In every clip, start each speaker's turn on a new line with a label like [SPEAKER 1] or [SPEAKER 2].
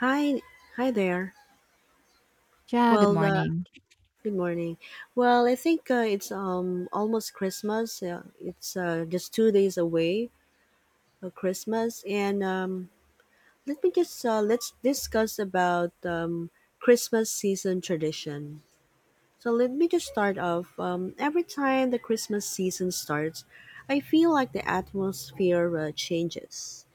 [SPEAKER 1] Hi, hi there.
[SPEAKER 2] Yeah, good
[SPEAKER 1] Well,
[SPEAKER 2] morning.
[SPEAKER 1] good morning. Well, I think it's almost Christmas. It's just 2 days away of Christmas, and let me just let's discuss about Christmas season tradition. So let me just start off. Every time the Christmas season starts, I feel like the atmosphere changes.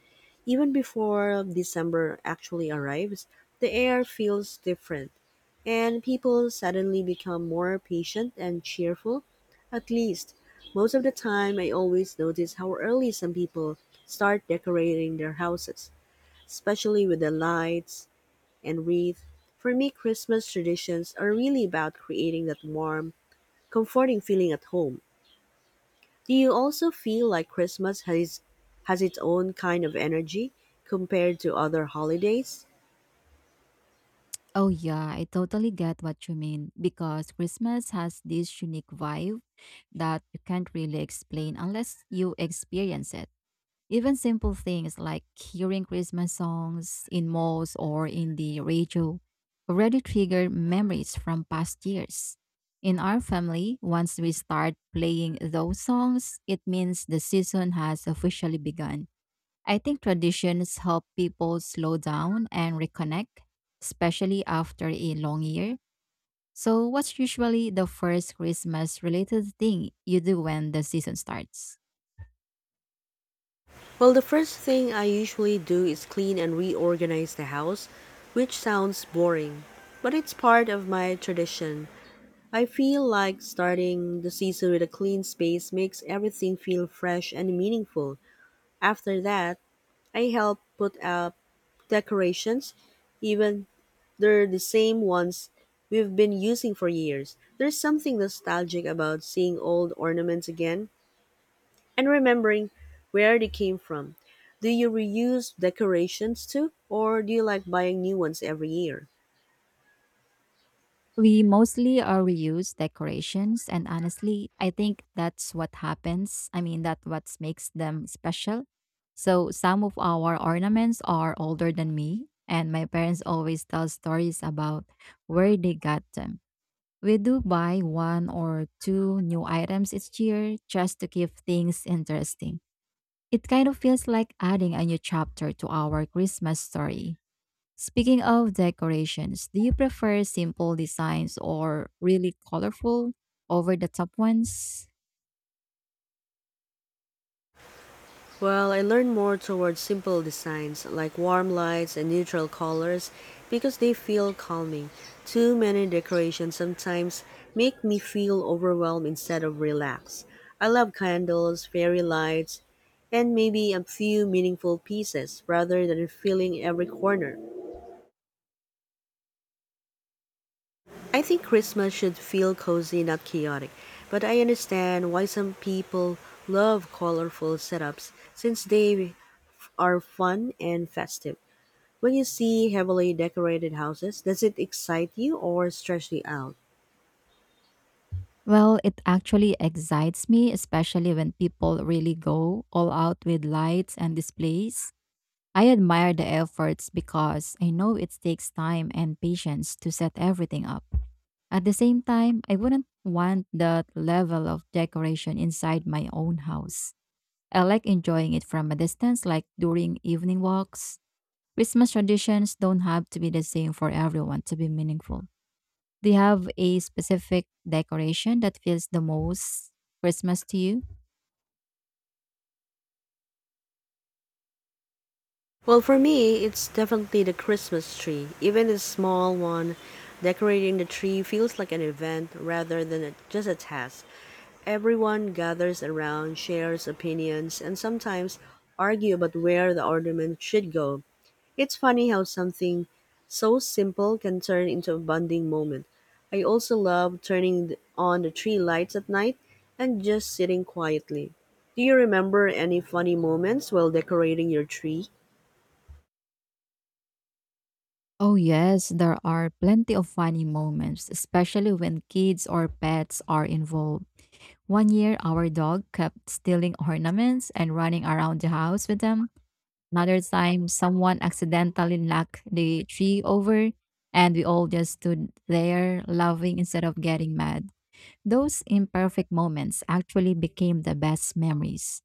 [SPEAKER 1] Even before December actually arrives, the air feels different, and people suddenly become more patient and cheerful. At least, most of the time, I always notice how early some people start decorating their houses, especially with the lights and wreath. For me, Christmas traditions are really about creating that warm, comforting feeling at home. Do you also feel like Christmas has its own kind of energy compared to other holidays?
[SPEAKER 2] Oh, yeah, I totally get what you mean because Christmas has this unique vibe that you can't really explain unless you experience it. Even simple things like hearing Christmas songs in malls or in the radio already trigger memories from past years. In our family, once we start playing those songs, it means the season has officially begun. I think traditions help people slow down and reconnect, especially after a long year. So, what's usually the first Christmas related thing you do when the season starts?
[SPEAKER 1] Well, the first thing I usually do is clean and reorganize the house, which sounds boring, but it's part of my tradition. I feel like starting the season with a clean space makes everything feel fresh and meaningful. After that, I help put out decorations, even they're the same ones we've been using for years. There's something nostalgic about seeing old ornaments again and remembering where they came from. Do you reuse decorations too, or do you like buying new ones every year?
[SPEAKER 2] We mostly reuse decorations, and honestly, I think that's what happens. I mean, that what makes them special. So, some of our ornaments are older than me, and my parents always tell stories about where they got them. We do buy one or two new items each year just to keep things interesting. It kind of feels like adding a new chapter to our Christmas story. Speaking of decorations, do you prefer simple designs or really colorful over the top ones?
[SPEAKER 1] Well, I lean more towards simple designs like warm lights and neutral colors because they feel calming. Too many decorations sometimes make me feel overwhelmed instead of relaxed. I love candles, fairy lights, and maybe a few meaningful pieces rather than filling every corner. I think Christmas should feel cozy, not chaotic, but I understand why some people love colorful setups since they are fun and festive. When you see heavily decorated houses, does it excite you or stress you out?
[SPEAKER 2] Well, it actually excites me, especially when people really go all out with lights and displays. I admire the efforts because I know it takes time and patience to set everything up. At the same time, I wouldn't want that level of decoration inside my own house. I like enjoying it from a distance, like during evening walks. Christmas traditions don't have to be the same for everyone to be meaningful. Do you have a specific decoration that feels the most Christmas to you?
[SPEAKER 1] Well, for me, it's definitely the Christmas tree. Even a small one, decorating the tree feels like an event rather than a, just a task. Everyone gathers around, shares opinions, and sometimes argue about where the ornament should go. It's funny how something so simple can turn into a bonding moment. I also love turning on the tree lights at night and just sitting quietly. Do you remember any funny moments while decorating your tree?
[SPEAKER 2] Oh, yes, there are plenty of funny moments, especially when kids or pets are involved. One year, our dog kept stealing ornaments and running around the house with them. Another time, someone accidentally knocked the tree over, and we all just stood there laughing instead of getting mad. Those imperfect moments actually became the best memories.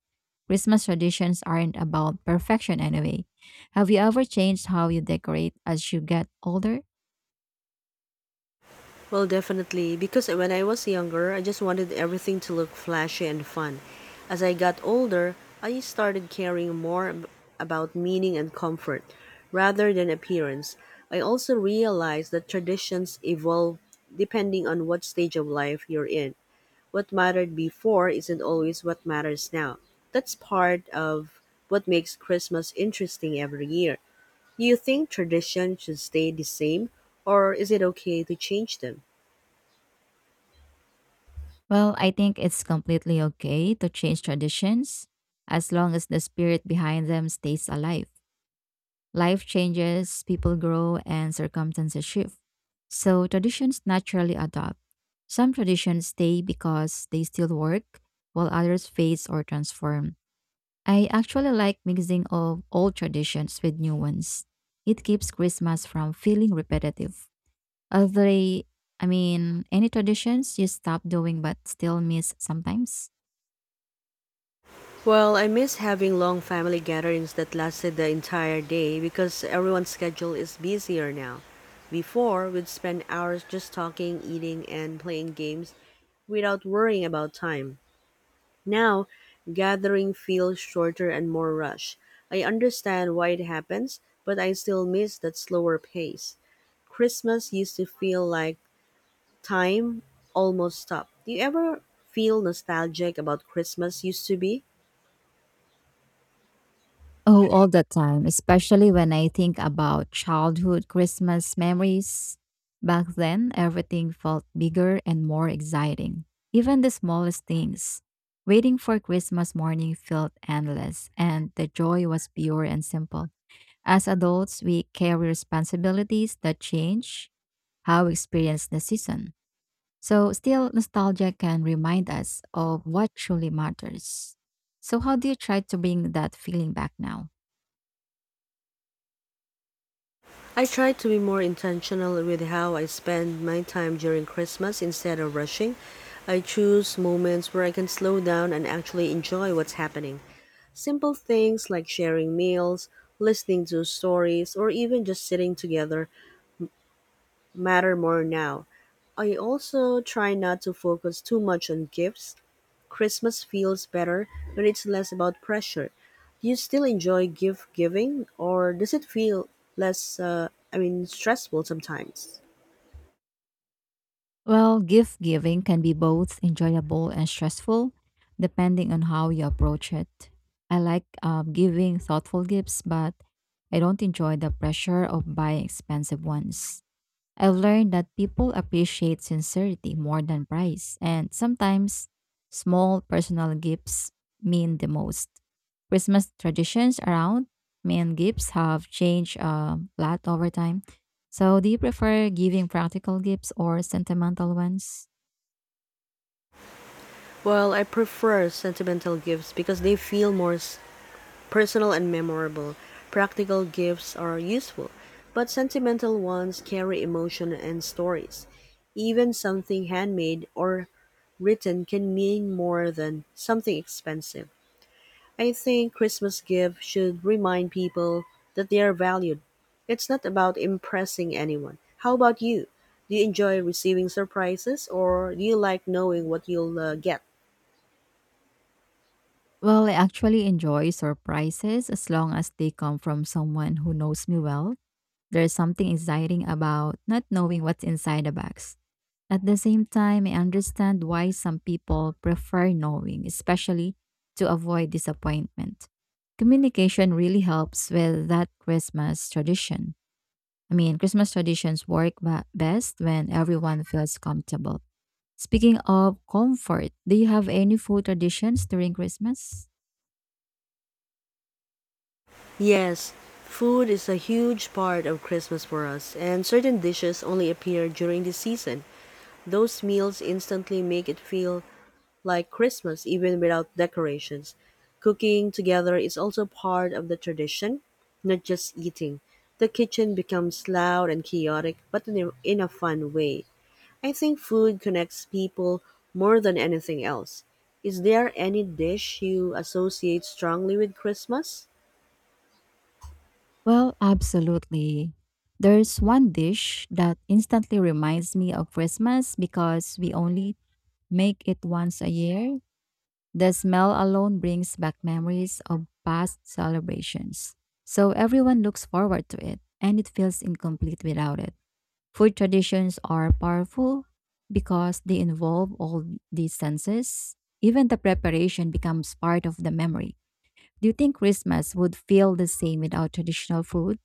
[SPEAKER 2] Christmas traditions aren't about perfection anyway. Have you ever changed how you decorate as you get older?
[SPEAKER 1] Well, definitely, because when I was younger, I just wanted everything to look flashy and fun. As I got older, I started caring more about meaning and comfort rather than appearance. I also realized that traditions evolve depending on what stage of life you're in. What mattered before isn't always what matters now. That's part of what makes Christmas interesting every year. Do you think tradition should stay the same, or is it okay to change them?
[SPEAKER 2] Well, I think it's completely okay to change traditions as long as the spirit behind them stays alive. Life changes, people grow, and circumstances shift. So traditions naturally adopt. Some traditions stay because they still work, while others fade or transform. I actually like mixing of old traditions with new ones. It keeps Christmas from feeling repetitive. Are they, I mean, Any traditions you stop doing but still miss sometimes?
[SPEAKER 1] Well, I miss having long family gatherings that lasted the entire day because everyone's schedule is busier now. Before, we'd spend hours just talking, eating, and playing games without worrying about time. Now, gathering feels shorter and more rushed. I understand why it happens, but I still miss that slower pace. Christmas used to feel like time almost stopped. Do you ever feel nostalgic about Christmas used to be?
[SPEAKER 2] Oh, all the time, especially when I think about childhood Christmas memories. Back then, everything felt bigger and more exciting. Even the smallest things. Waiting for Christmas morning felt endless, and the joy was pure and simple. As adults, we carry responsibilities that change how we experience the season. So, still, nostalgia can remind us of what truly matters. So, how do you try to bring that feeling back now?
[SPEAKER 1] I try to be more intentional with how I spend my time during Christmas instead of rushing. I choose moments where I can slow down and actually enjoy what's happening. Simple things like sharing meals, listening to stories, or even just sitting together matter more now. I also try not to focus too much on gifts. Christmas feels better when it's less about pressure. Do you still enjoy gift giving, or does it feel less, I mean, stressful sometimes?
[SPEAKER 2] Well, gift giving can be both enjoyable and stressful, depending on how you approach it. I like giving thoughtful gifts, but I don't enjoy the pressure of buying expensive ones. I've learned that people appreciate sincerity more than price, and sometimes small personal gifts mean the most. Christmas traditions around main gifts have changed a lot over time. So, do you prefer giving practical gifts or sentimental ones?
[SPEAKER 1] Well, I prefer sentimental gifts because they feel more personal and memorable. Practical gifts are useful, but sentimental ones carry emotion and stories. Even something handmade or written can mean more than something expensive. I think Christmas gifts should remind people that they are valued. It's not about impressing anyone. How about you? Do you enjoy receiving surprises or do you like knowing what you'll get?
[SPEAKER 2] Well, I actually enjoy surprises as long as they come from someone who knows me well. There's something exciting about not knowing what's inside the box. At the same time, I understand why some people prefer knowing, especially to avoid disappointment. Communication really helps with that Christmas tradition. I mean, Christmas traditions work best when everyone feels comfortable. Speaking of comfort, do you have any food traditions during Christmas?
[SPEAKER 1] Yes, food is a huge part of Christmas for us, and certain dishes only appear during the season. Those meals instantly make it feel like Christmas even without decorations. Cooking together is also part of the tradition, not just eating. The kitchen becomes loud and chaotic, but in a fun way. I think food connects people more than anything else. Is there any dish you associate strongly with Christmas?
[SPEAKER 2] Well, absolutely. There's one dish that instantly reminds me of Christmas because we only make it once a year. The smell alone brings back memories of past celebrations. So everyone looks forward to it and it feels incomplete without it. Food traditions are powerful because they involve all these senses. Even the preparation becomes part of the memory. Do you think Christmas would feel the same without traditional food?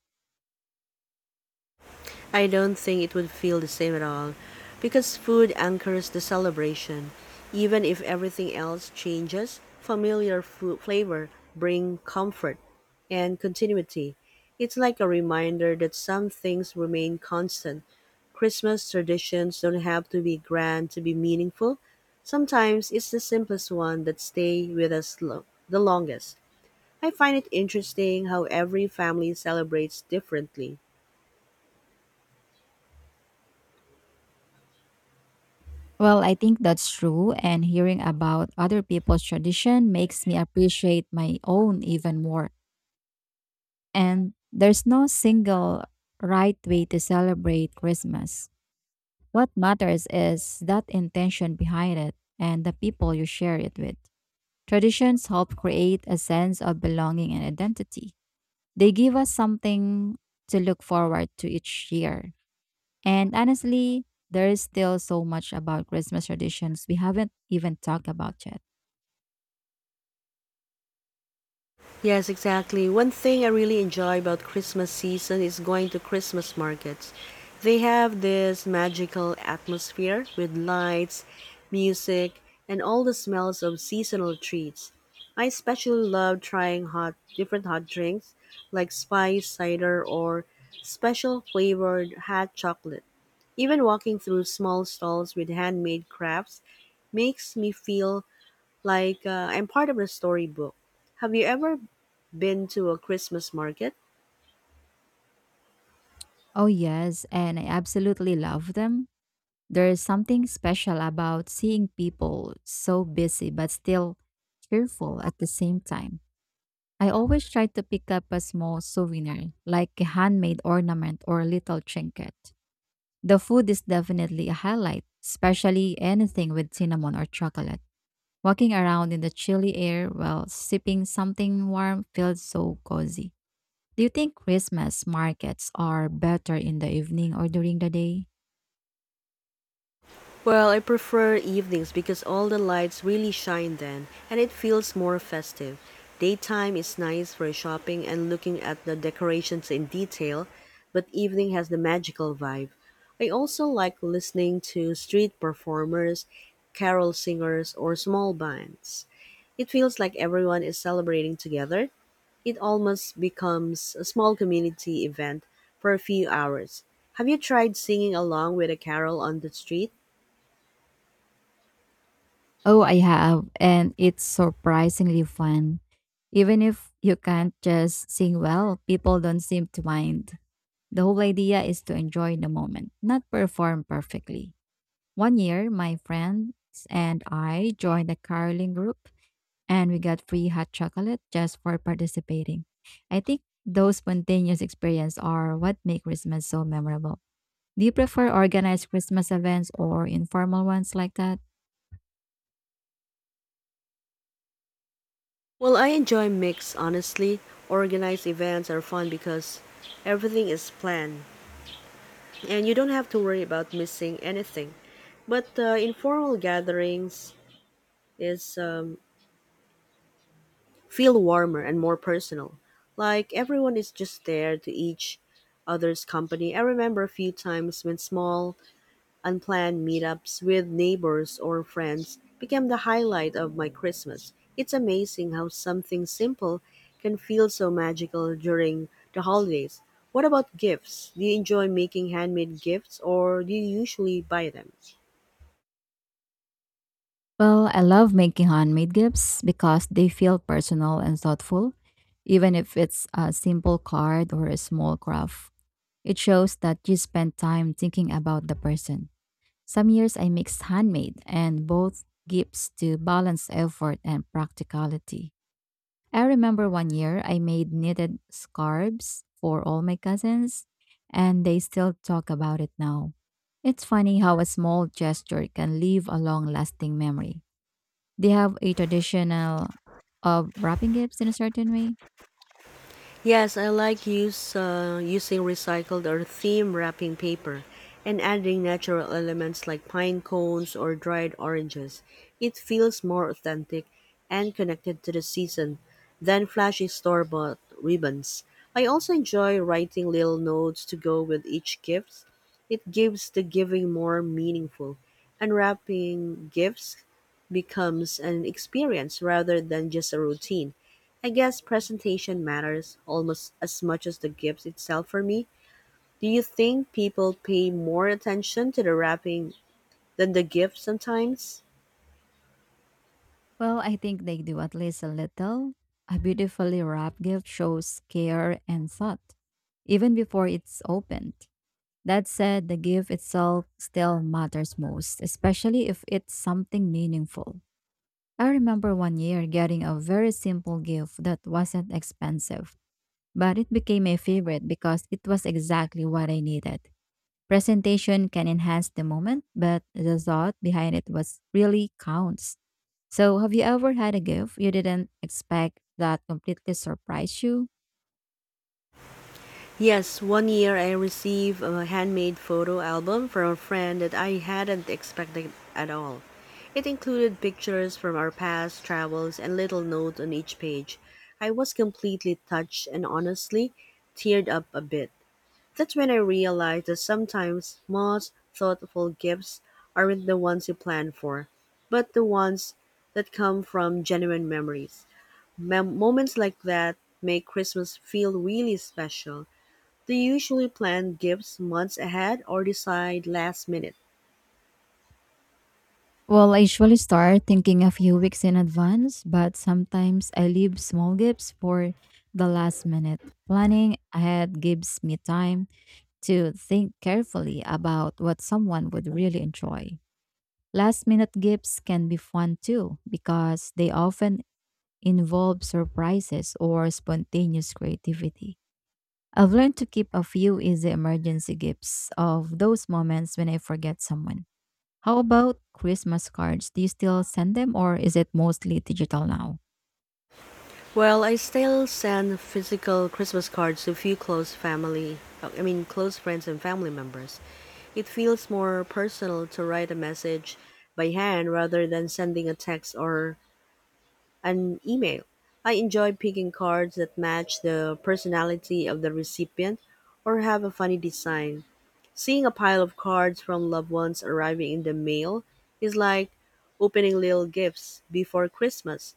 [SPEAKER 1] I don't think it would feel the same at all because food anchors the celebration. Even if everything else changes, familiar food flavor bring comfort and continuity. It's like a reminder that some things remain constant. Christmas traditions don't have to be grand to be meaningful. Sometimes it's the simplest one that stay with us the longest. I find it interesting how every family celebrates differently.
[SPEAKER 2] Well, I think that's true, and hearing about other people's tradition makes me appreciate my own even more. And there's no single right way to celebrate Christmas. What matters is that intention behind it and the people you share it with. Traditions help create a sense of belonging and identity. They give us something to look forward to each year. And honestly, there is still so much about Christmas traditions we haven't even talked about yet.
[SPEAKER 1] Yes, exactly. One thing I really enjoy about Christmas season is going to Christmas markets. They have this magical atmosphere with lights, music, and all the smells of seasonal treats. I especially love trying hot different hot drinks like spice cider or special flavored hot chocolate. Even walking through small stalls with handmade crafts makes me feel like, I'm part of the storybook. Have you ever been to a Christmas market?
[SPEAKER 2] Oh, yes, and I absolutely love them. There's something special about seeing people so busy but still cheerful at the same time. I always try to pick up a small souvenir, like a handmade ornament or a little trinket. The food is definitely a highlight, especially anything with cinnamon or chocolate. Walking around in the chilly air while sipping something warm feels so cozy. Do you think Christmas markets are better in the evening or during the day?
[SPEAKER 1] Well, I prefer evenings because all the lights really shine then and it feels more festive. Daytime is nice for shopping and looking at the decorations in detail, but evening has the magical vibe. I also like listening to street performers, carol singers, or small bands. It feels like everyone is celebrating together. It almost becomes a small community event for a few hours. Have you tried singing along with a carol on the street?
[SPEAKER 2] Oh, I have, and it's surprisingly fun. Even if you can't just sing well, people don't seem to mind. The whole idea is to enjoy the moment, not perform perfectly. One year, my friends and I joined a caroling group, and we got free hot chocolate just for participating. I think those spontaneous experiences are what make Christmas so memorable. Do you prefer organized Christmas events or informal ones like that?
[SPEAKER 1] Well, I enjoy mix, honestly. Organized events are fun because everything is planned and you don't have to worry about missing anything. But informal gatherings is feel warmer and more personal. Like everyone is just there to each other's company. I remember a few times when small unplanned meetups with neighbors or friends became the highlight of my Christmas. It's amazing how something simple can feel so magical during the holidays. What about gifts? Do you enjoy making handmade gifts or do you usually buy them?
[SPEAKER 2] Well, I love making handmade gifts because they feel personal and thoughtful, even if it's a simple card or a small craft. It shows that you spend time thinking about the person. Some years I mix handmade and both gifts to balance effort and practicality. I remember one year I made knitted scarves for all my cousins, and they still talk about it now. It's funny how a small gesture can leave a long lasting memory. They have a traditional of wrapping gifts in a certain way.
[SPEAKER 1] Yes, I like use using recycled or theme wrapping paper and adding natural elements like pine cones or dried oranges. It feels more authentic and connected to the season than flashy store-bought ribbons. I also enjoy writing little notes to go with each gift. It gives the giving more meaningful. Unwrapping gifts becomes an experience rather than just a routine. I guess presentation matters almost as much as the gift itself for me. Do you think people pay more attention to the wrapping than the gift sometimes?
[SPEAKER 2] Well, I think they do at least a little. A beautifully wrapped gift shows care and thought, even before it's opened. That said, the gift itself still matters most, especially if it's something meaningful. I remember one year getting a very simple gift that wasn't expensive, but it became a favorite because it was exactly what I needed. Presentation can enhance the moment, but the thought behind it was really counts. So, have you ever had a gift you didn't expect that completely surprised you?
[SPEAKER 1] Yes, one year I received a handmade photo album from a friend that I hadn't expected at all. It included pictures from our past travels and little notes on each page. I was completely touched and honestly teared up a bit. That's when I realized that sometimes most thoughtful gifts aren't the ones you plan for, but the ones that come from genuine memories. Moments like that make Christmas feel really special. Do you usually plan gifts months ahead or decide last minute?
[SPEAKER 2] Well, I usually start thinking a few weeks in advance, but sometimes I leave small gifts for the last minute. Planning ahead gives me time to think carefully about what someone would really enjoy. Last minute gifts can be fun too because they often involve surprises or spontaneous creativity. I've learned to keep a few easy emergency gifts of those moments when I forget someone. How about Christmas cards? Do you still send them or is it mostly digital now?
[SPEAKER 1] Well, I still send physical Christmas cards to a few close family, I mean, close friends and family members. It feels more personal to write a message by hand rather than sending a text or an email. I enjoy picking cards that match the personality of the recipient or have a funny design. Seeing a pile of cards from loved ones arriving in the mail is like opening little gifts before Christmas.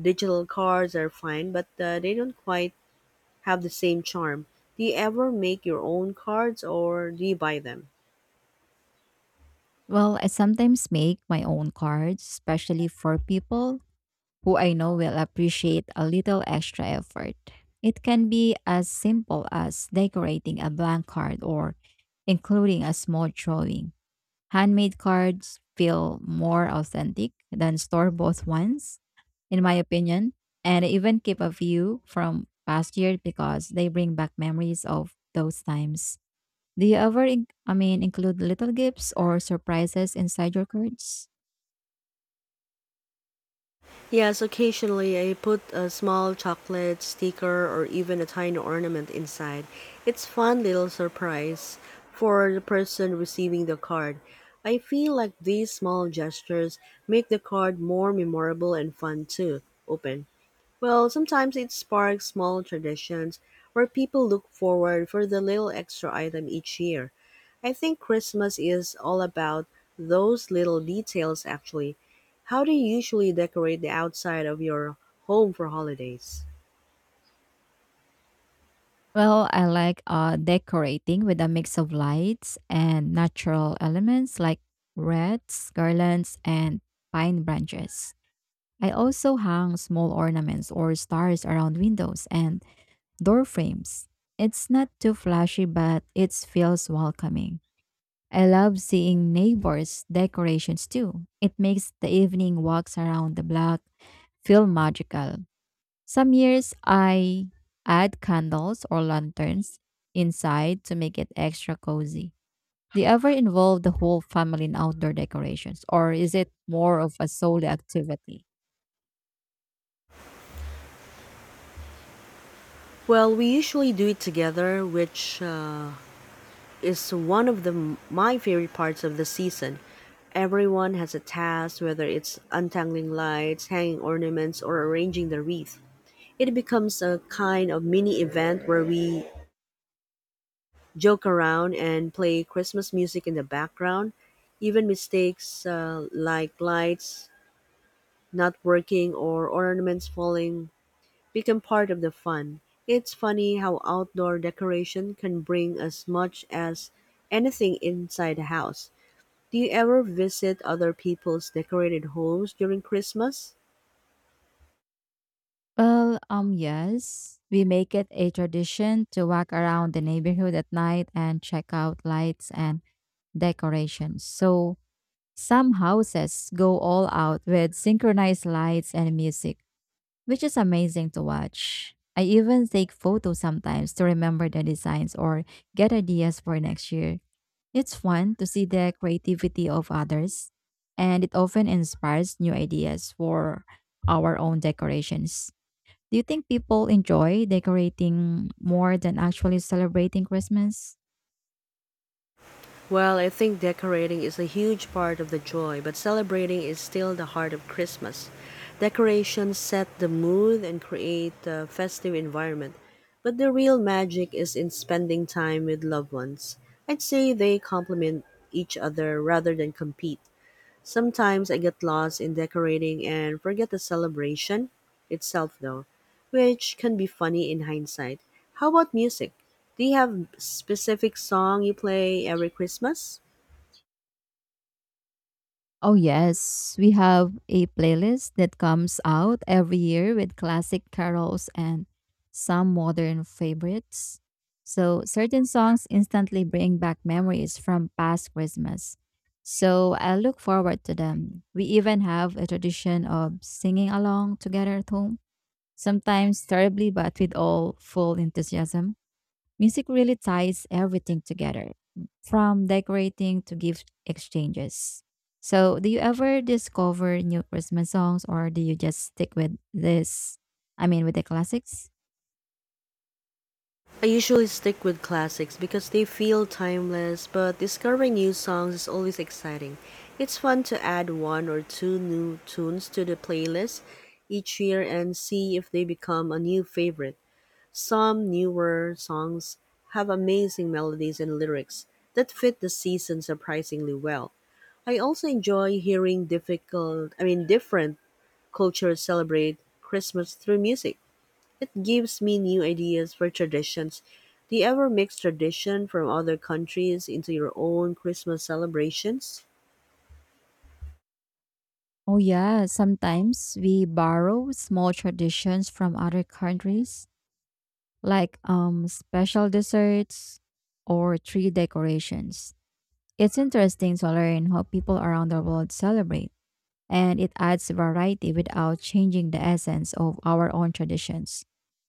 [SPEAKER 1] Digital cards are fine, but they don't quite have the same charm. Do you ever make your own cards or do you buy them?
[SPEAKER 2] Well, I sometimes make my own cards, especially for people who I know will appreciate a little extra effort. It can be as simple as decorating a blank card or including a small drawing. Handmade cards feel more authentic than store bought ones, in my opinion. And I even keep a few from past year because they bring back memories of those times. Do you ever include little gifts or surprises inside your cards?
[SPEAKER 1] Yes, occasionally I put a small chocolate sticker or even a tiny ornament inside. It's fun little surprise for the person receiving the card. I feel like these small gestures make the card more memorable and fun to open. Well, sometimes it sparks small traditions where people look forward for the little extra item each year. I think Christmas is all about those little details actually. How do you usually decorate the outside of your home for holidays?
[SPEAKER 2] Well, I like decorating with a mix of lights and natural elements like wreaths, garlands, and pine branches. I also hang small ornaments or stars around windows and door frames. It's not too flashy, but it feels welcoming. I love seeing neighbors' decorations too. It makes the evening walks around the block feel magical. Some years I add candles or lanterns inside to make it extra cozy. Do you ever involve the whole family in outdoor decorations, or is it more of a solo activity?
[SPEAKER 1] Well, we usually do it together, which is one of the my favorite parts of the season. Everyone has a task, whether it's untangling lights, hanging ornaments, or arranging the wreath. It becomes a kind of mini event where we joke around and play Christmas music in the background. Even mistakes like lights not working or ornaments falling become part of the fun. It's funny how outdoor decoration can bring as much as anything inside the house. Do you ever visit other people's decorated homes during Christmas?
[SPEAKER 2] Well, yes. We make it a tradition to walk around the neighborhood at night and check out lights and decorations. So some houses go all out with synchronized lights and music, which is amazing to watch. I even take photos sometimes to remember the designs or get ideas for next year. It's fun to see the creativity of others, and it often inspires new ideas for our own decorations. Do you think people enjoy decorating more than actually celebrating Christmas?
[SPEAKER 1] Well, I think decorating is a huge part of the joy, but celebrating is still the heart of Christmas. Decorations set the mood and create a festive environment, but the real magic is in spending time with loved ones. I'd say they complement each other rather than compete. Sometimes I get lost in decorating and forget the celebration itself, though, which can be funny in hindsight. How about music? Do you have specific song you play every Christmas?
[SPEAKER 2] Oh, yes. We have a playlist that comes out every year with classic carols and some modern favorites. So, certain songs instantly bring back memories from past Christmas. So, I look forward to them. We even have a tradition of singing along together at home, sometimes terribly, but with all full enthusiasm. Music really ties everything together, from decorating to gift exchanges. So, do you ever discover new Christmas songs or do you just stick with this? I mean, with the classics?
[SPEAKER 1] I usually stick with classics because they feel timeless, but discovering new songs is always exciting. It's fun to add one or two new tunes to the playlist each year and see if they become a new favorite. Some newer songs have amazing melodies and lyrics that fit the season surprisingly well. I also enjoy hearing difficult, I mean different cultures celebrate Christmas through music. It gives me new ideas for traditions. Do you ever mix tradition from other countries into your own Christmas celebrations?
[SPEAKER 2] Oh, yeah. Sometimes we borrow small traditions from other countries, like special desserts or tree decorations. It's interesting to learn how people around the world celebrate, and it adds variety without changing the essence of our own traditions.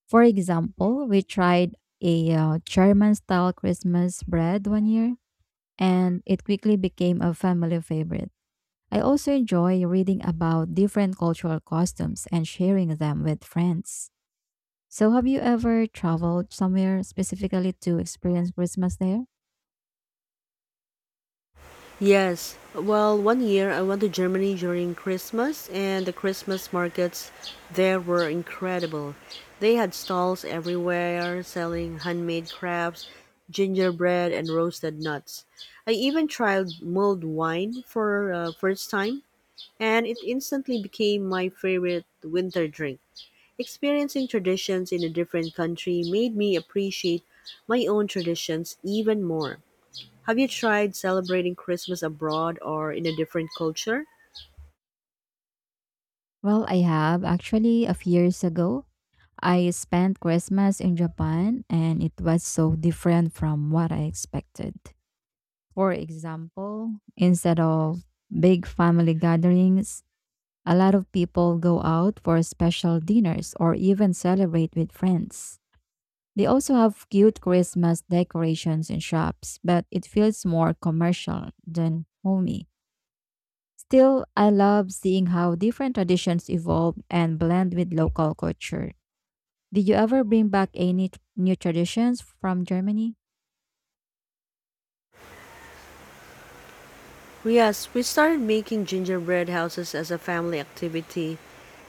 [SPEAKER 2] For example, we tried a German style Christmas bread one year, and it quickly became a family favorite. I also enjoy reading about different cultural costumes and sharing them with friends. So, have you ever traveled somewhere specifically to experience Christmas there?
[SPEAKER 1] Yes. Well, one year I went to Germany during Christmas, and the Christmas markets there were incredible. They had stalls everywhere selling handmade crafts, gingerbread, and roasted nuts. I even tried mulled wine for first time, and it instantly became my favorite winter drink. Experiencing traditions in a different country made me appreciate my own traditions even more. Have you tried celebrating Christmas abroad or in a different culture?
[SPEAKER 2] Well, I have actually a few years ago. I spent Christmas in Japan and it was so different from what I expected. For example, instead of big family gatherings, a lot of people go out for special dinners or even celebrate with friends. They also have cute Christmas decorations in shops, but it feels more commercial than homey. Still, I love seeing how different traditions evolve and blend with local culture. Did you ever bring back any new traditions from Germany?
[SPEAKER 1] Yes, we started making gingerbread houses as a family activity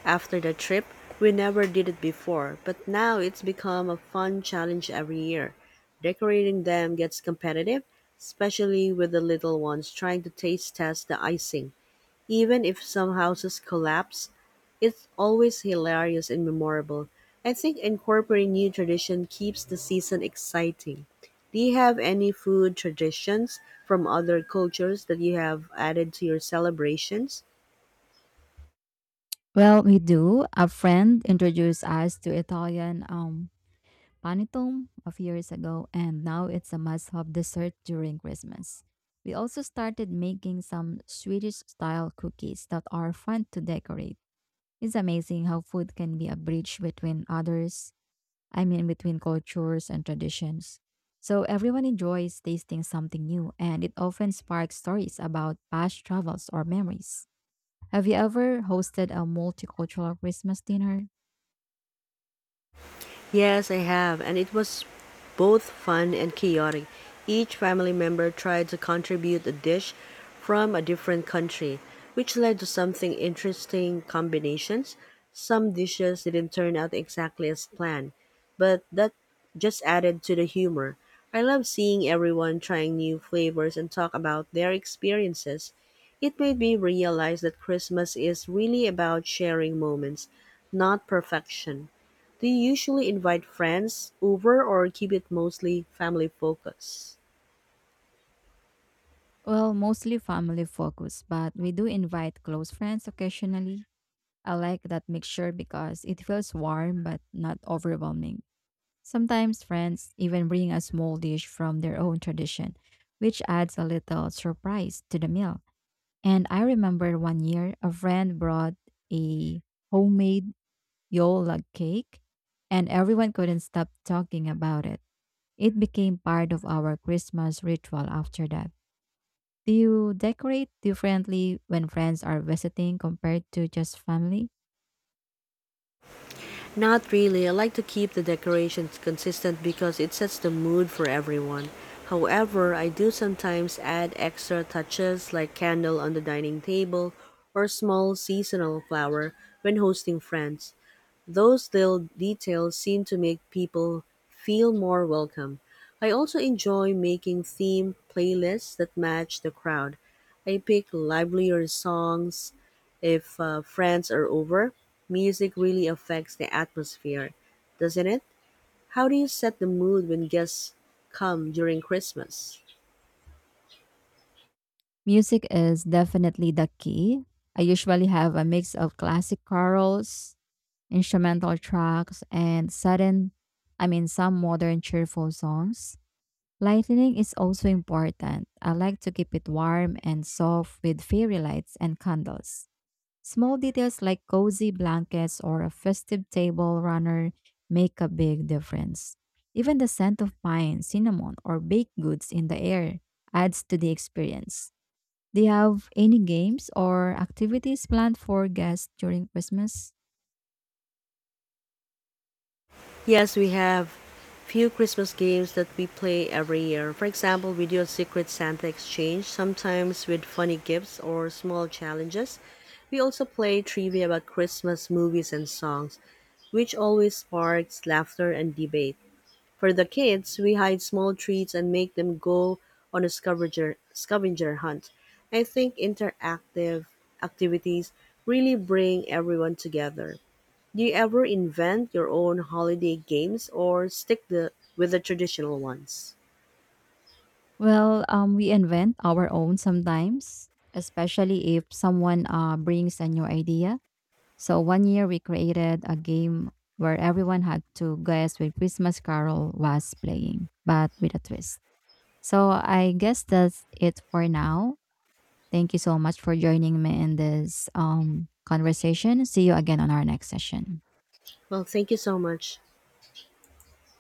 [SPEAKER 1] after the trip. We never did it before, but now it's become a fun challenge every year. Decorating them gets competitive, especially with the little ones trying to taste test the icing. Even if some houses collapse, it's always hilarious and memorable. I think incorporating new tradition keeps the season exciting. Do you have any food traditions from other cultures that you have added to your celebrations?
[SPEAKER 2] Well, we do. A friend introduced us to Italian panettone a few years ago, and now it's a must-have dessert during Christmas. We also started making some Swedish-style cookies that are fun to decorate. It's amazing how food can be a bridge between between cultures and traditions. So everyone enjoys tasting something new, and it often sparks stories about past travels or memories. Have you ever hosted a multicultural Christmas dinner?
[SPEAKER 1] Yes, I have, and it was both fun and chaotic. Each family member tried to contribute a dish from a different country, which led to something interesting combinations. Some dishes didn't turn out exactly as planned, but that just added to the humor. I love seeing everyone trying new flavors and talk about their experiences. It made me realize that Christmas is really about sharing moments, not perfection. Do you usually invite friends over or keep it mostly family focused?
[SPEAKER 2] Well, mostly family focused, but we do invite close friends occasionally. I like that mixture because it feels warm but not overwhelming. Sometimes friends even bring a small dish from their own tradition, which adds a little surprise to the meal. And I remember one year a friend brought a homemade yule log cake and everyone couldn't stop talking about it. It became part of our Christmas ritual after that. Do you decorate differently when friends are visiting compared to just family?
[SPEAKER 1] Not really. I like to keep the decorations consistent because it sets the mood for everyone. However, I do sometimes add extra touches like candle on the dining table or small seasonal flower when hosting friends. Those little details seem to make people feel more welcome. I also enjoy making theme playlists that match the crowd. I pick livelier songs if friends are over. Music really affects the atmosphere, doesn't it? How do you set the mood when guests come during Christmas?
[SPEAKER 2] Music is definitely the key. I usually have a mix of classic carols, instrumental tracks, and some modern cheerful songs. Lightning is also important. I like to keep it warm and soft with fairy lights and candles. Small details like cozy blankets or a festive table runner make a big difference. Even the scent of pine, cinnamon, or baked goods in the air adds to the experience. Do you have any games or activities planned for guests during Christmas?
[SPEAKER 1] Yes, we have few Christmas games that we play every year. For example, we do a secret Santa exchange, sometimes with funny gifts or small challenges. We also play trivia about Christmas movies and songs, which always sparks laughter and debate. For the kids, we hide small treats and make them go on a scavenger hunt. I think interactive activities really bring everyone together. Do you ever invent your own holiday games or stick the, with the traditional ones?
[SPEAKER 2] Well, we invent our own sometimes, especially if someone brings a new idea. So one year we created a game where everyone had to guess which Christmas Carol was playing, but with a twist. So I guess that's it for now. Thank you so much for joining me in this conversation. See you again on our next session.
[SPEAKER 1] Well, thank you so much.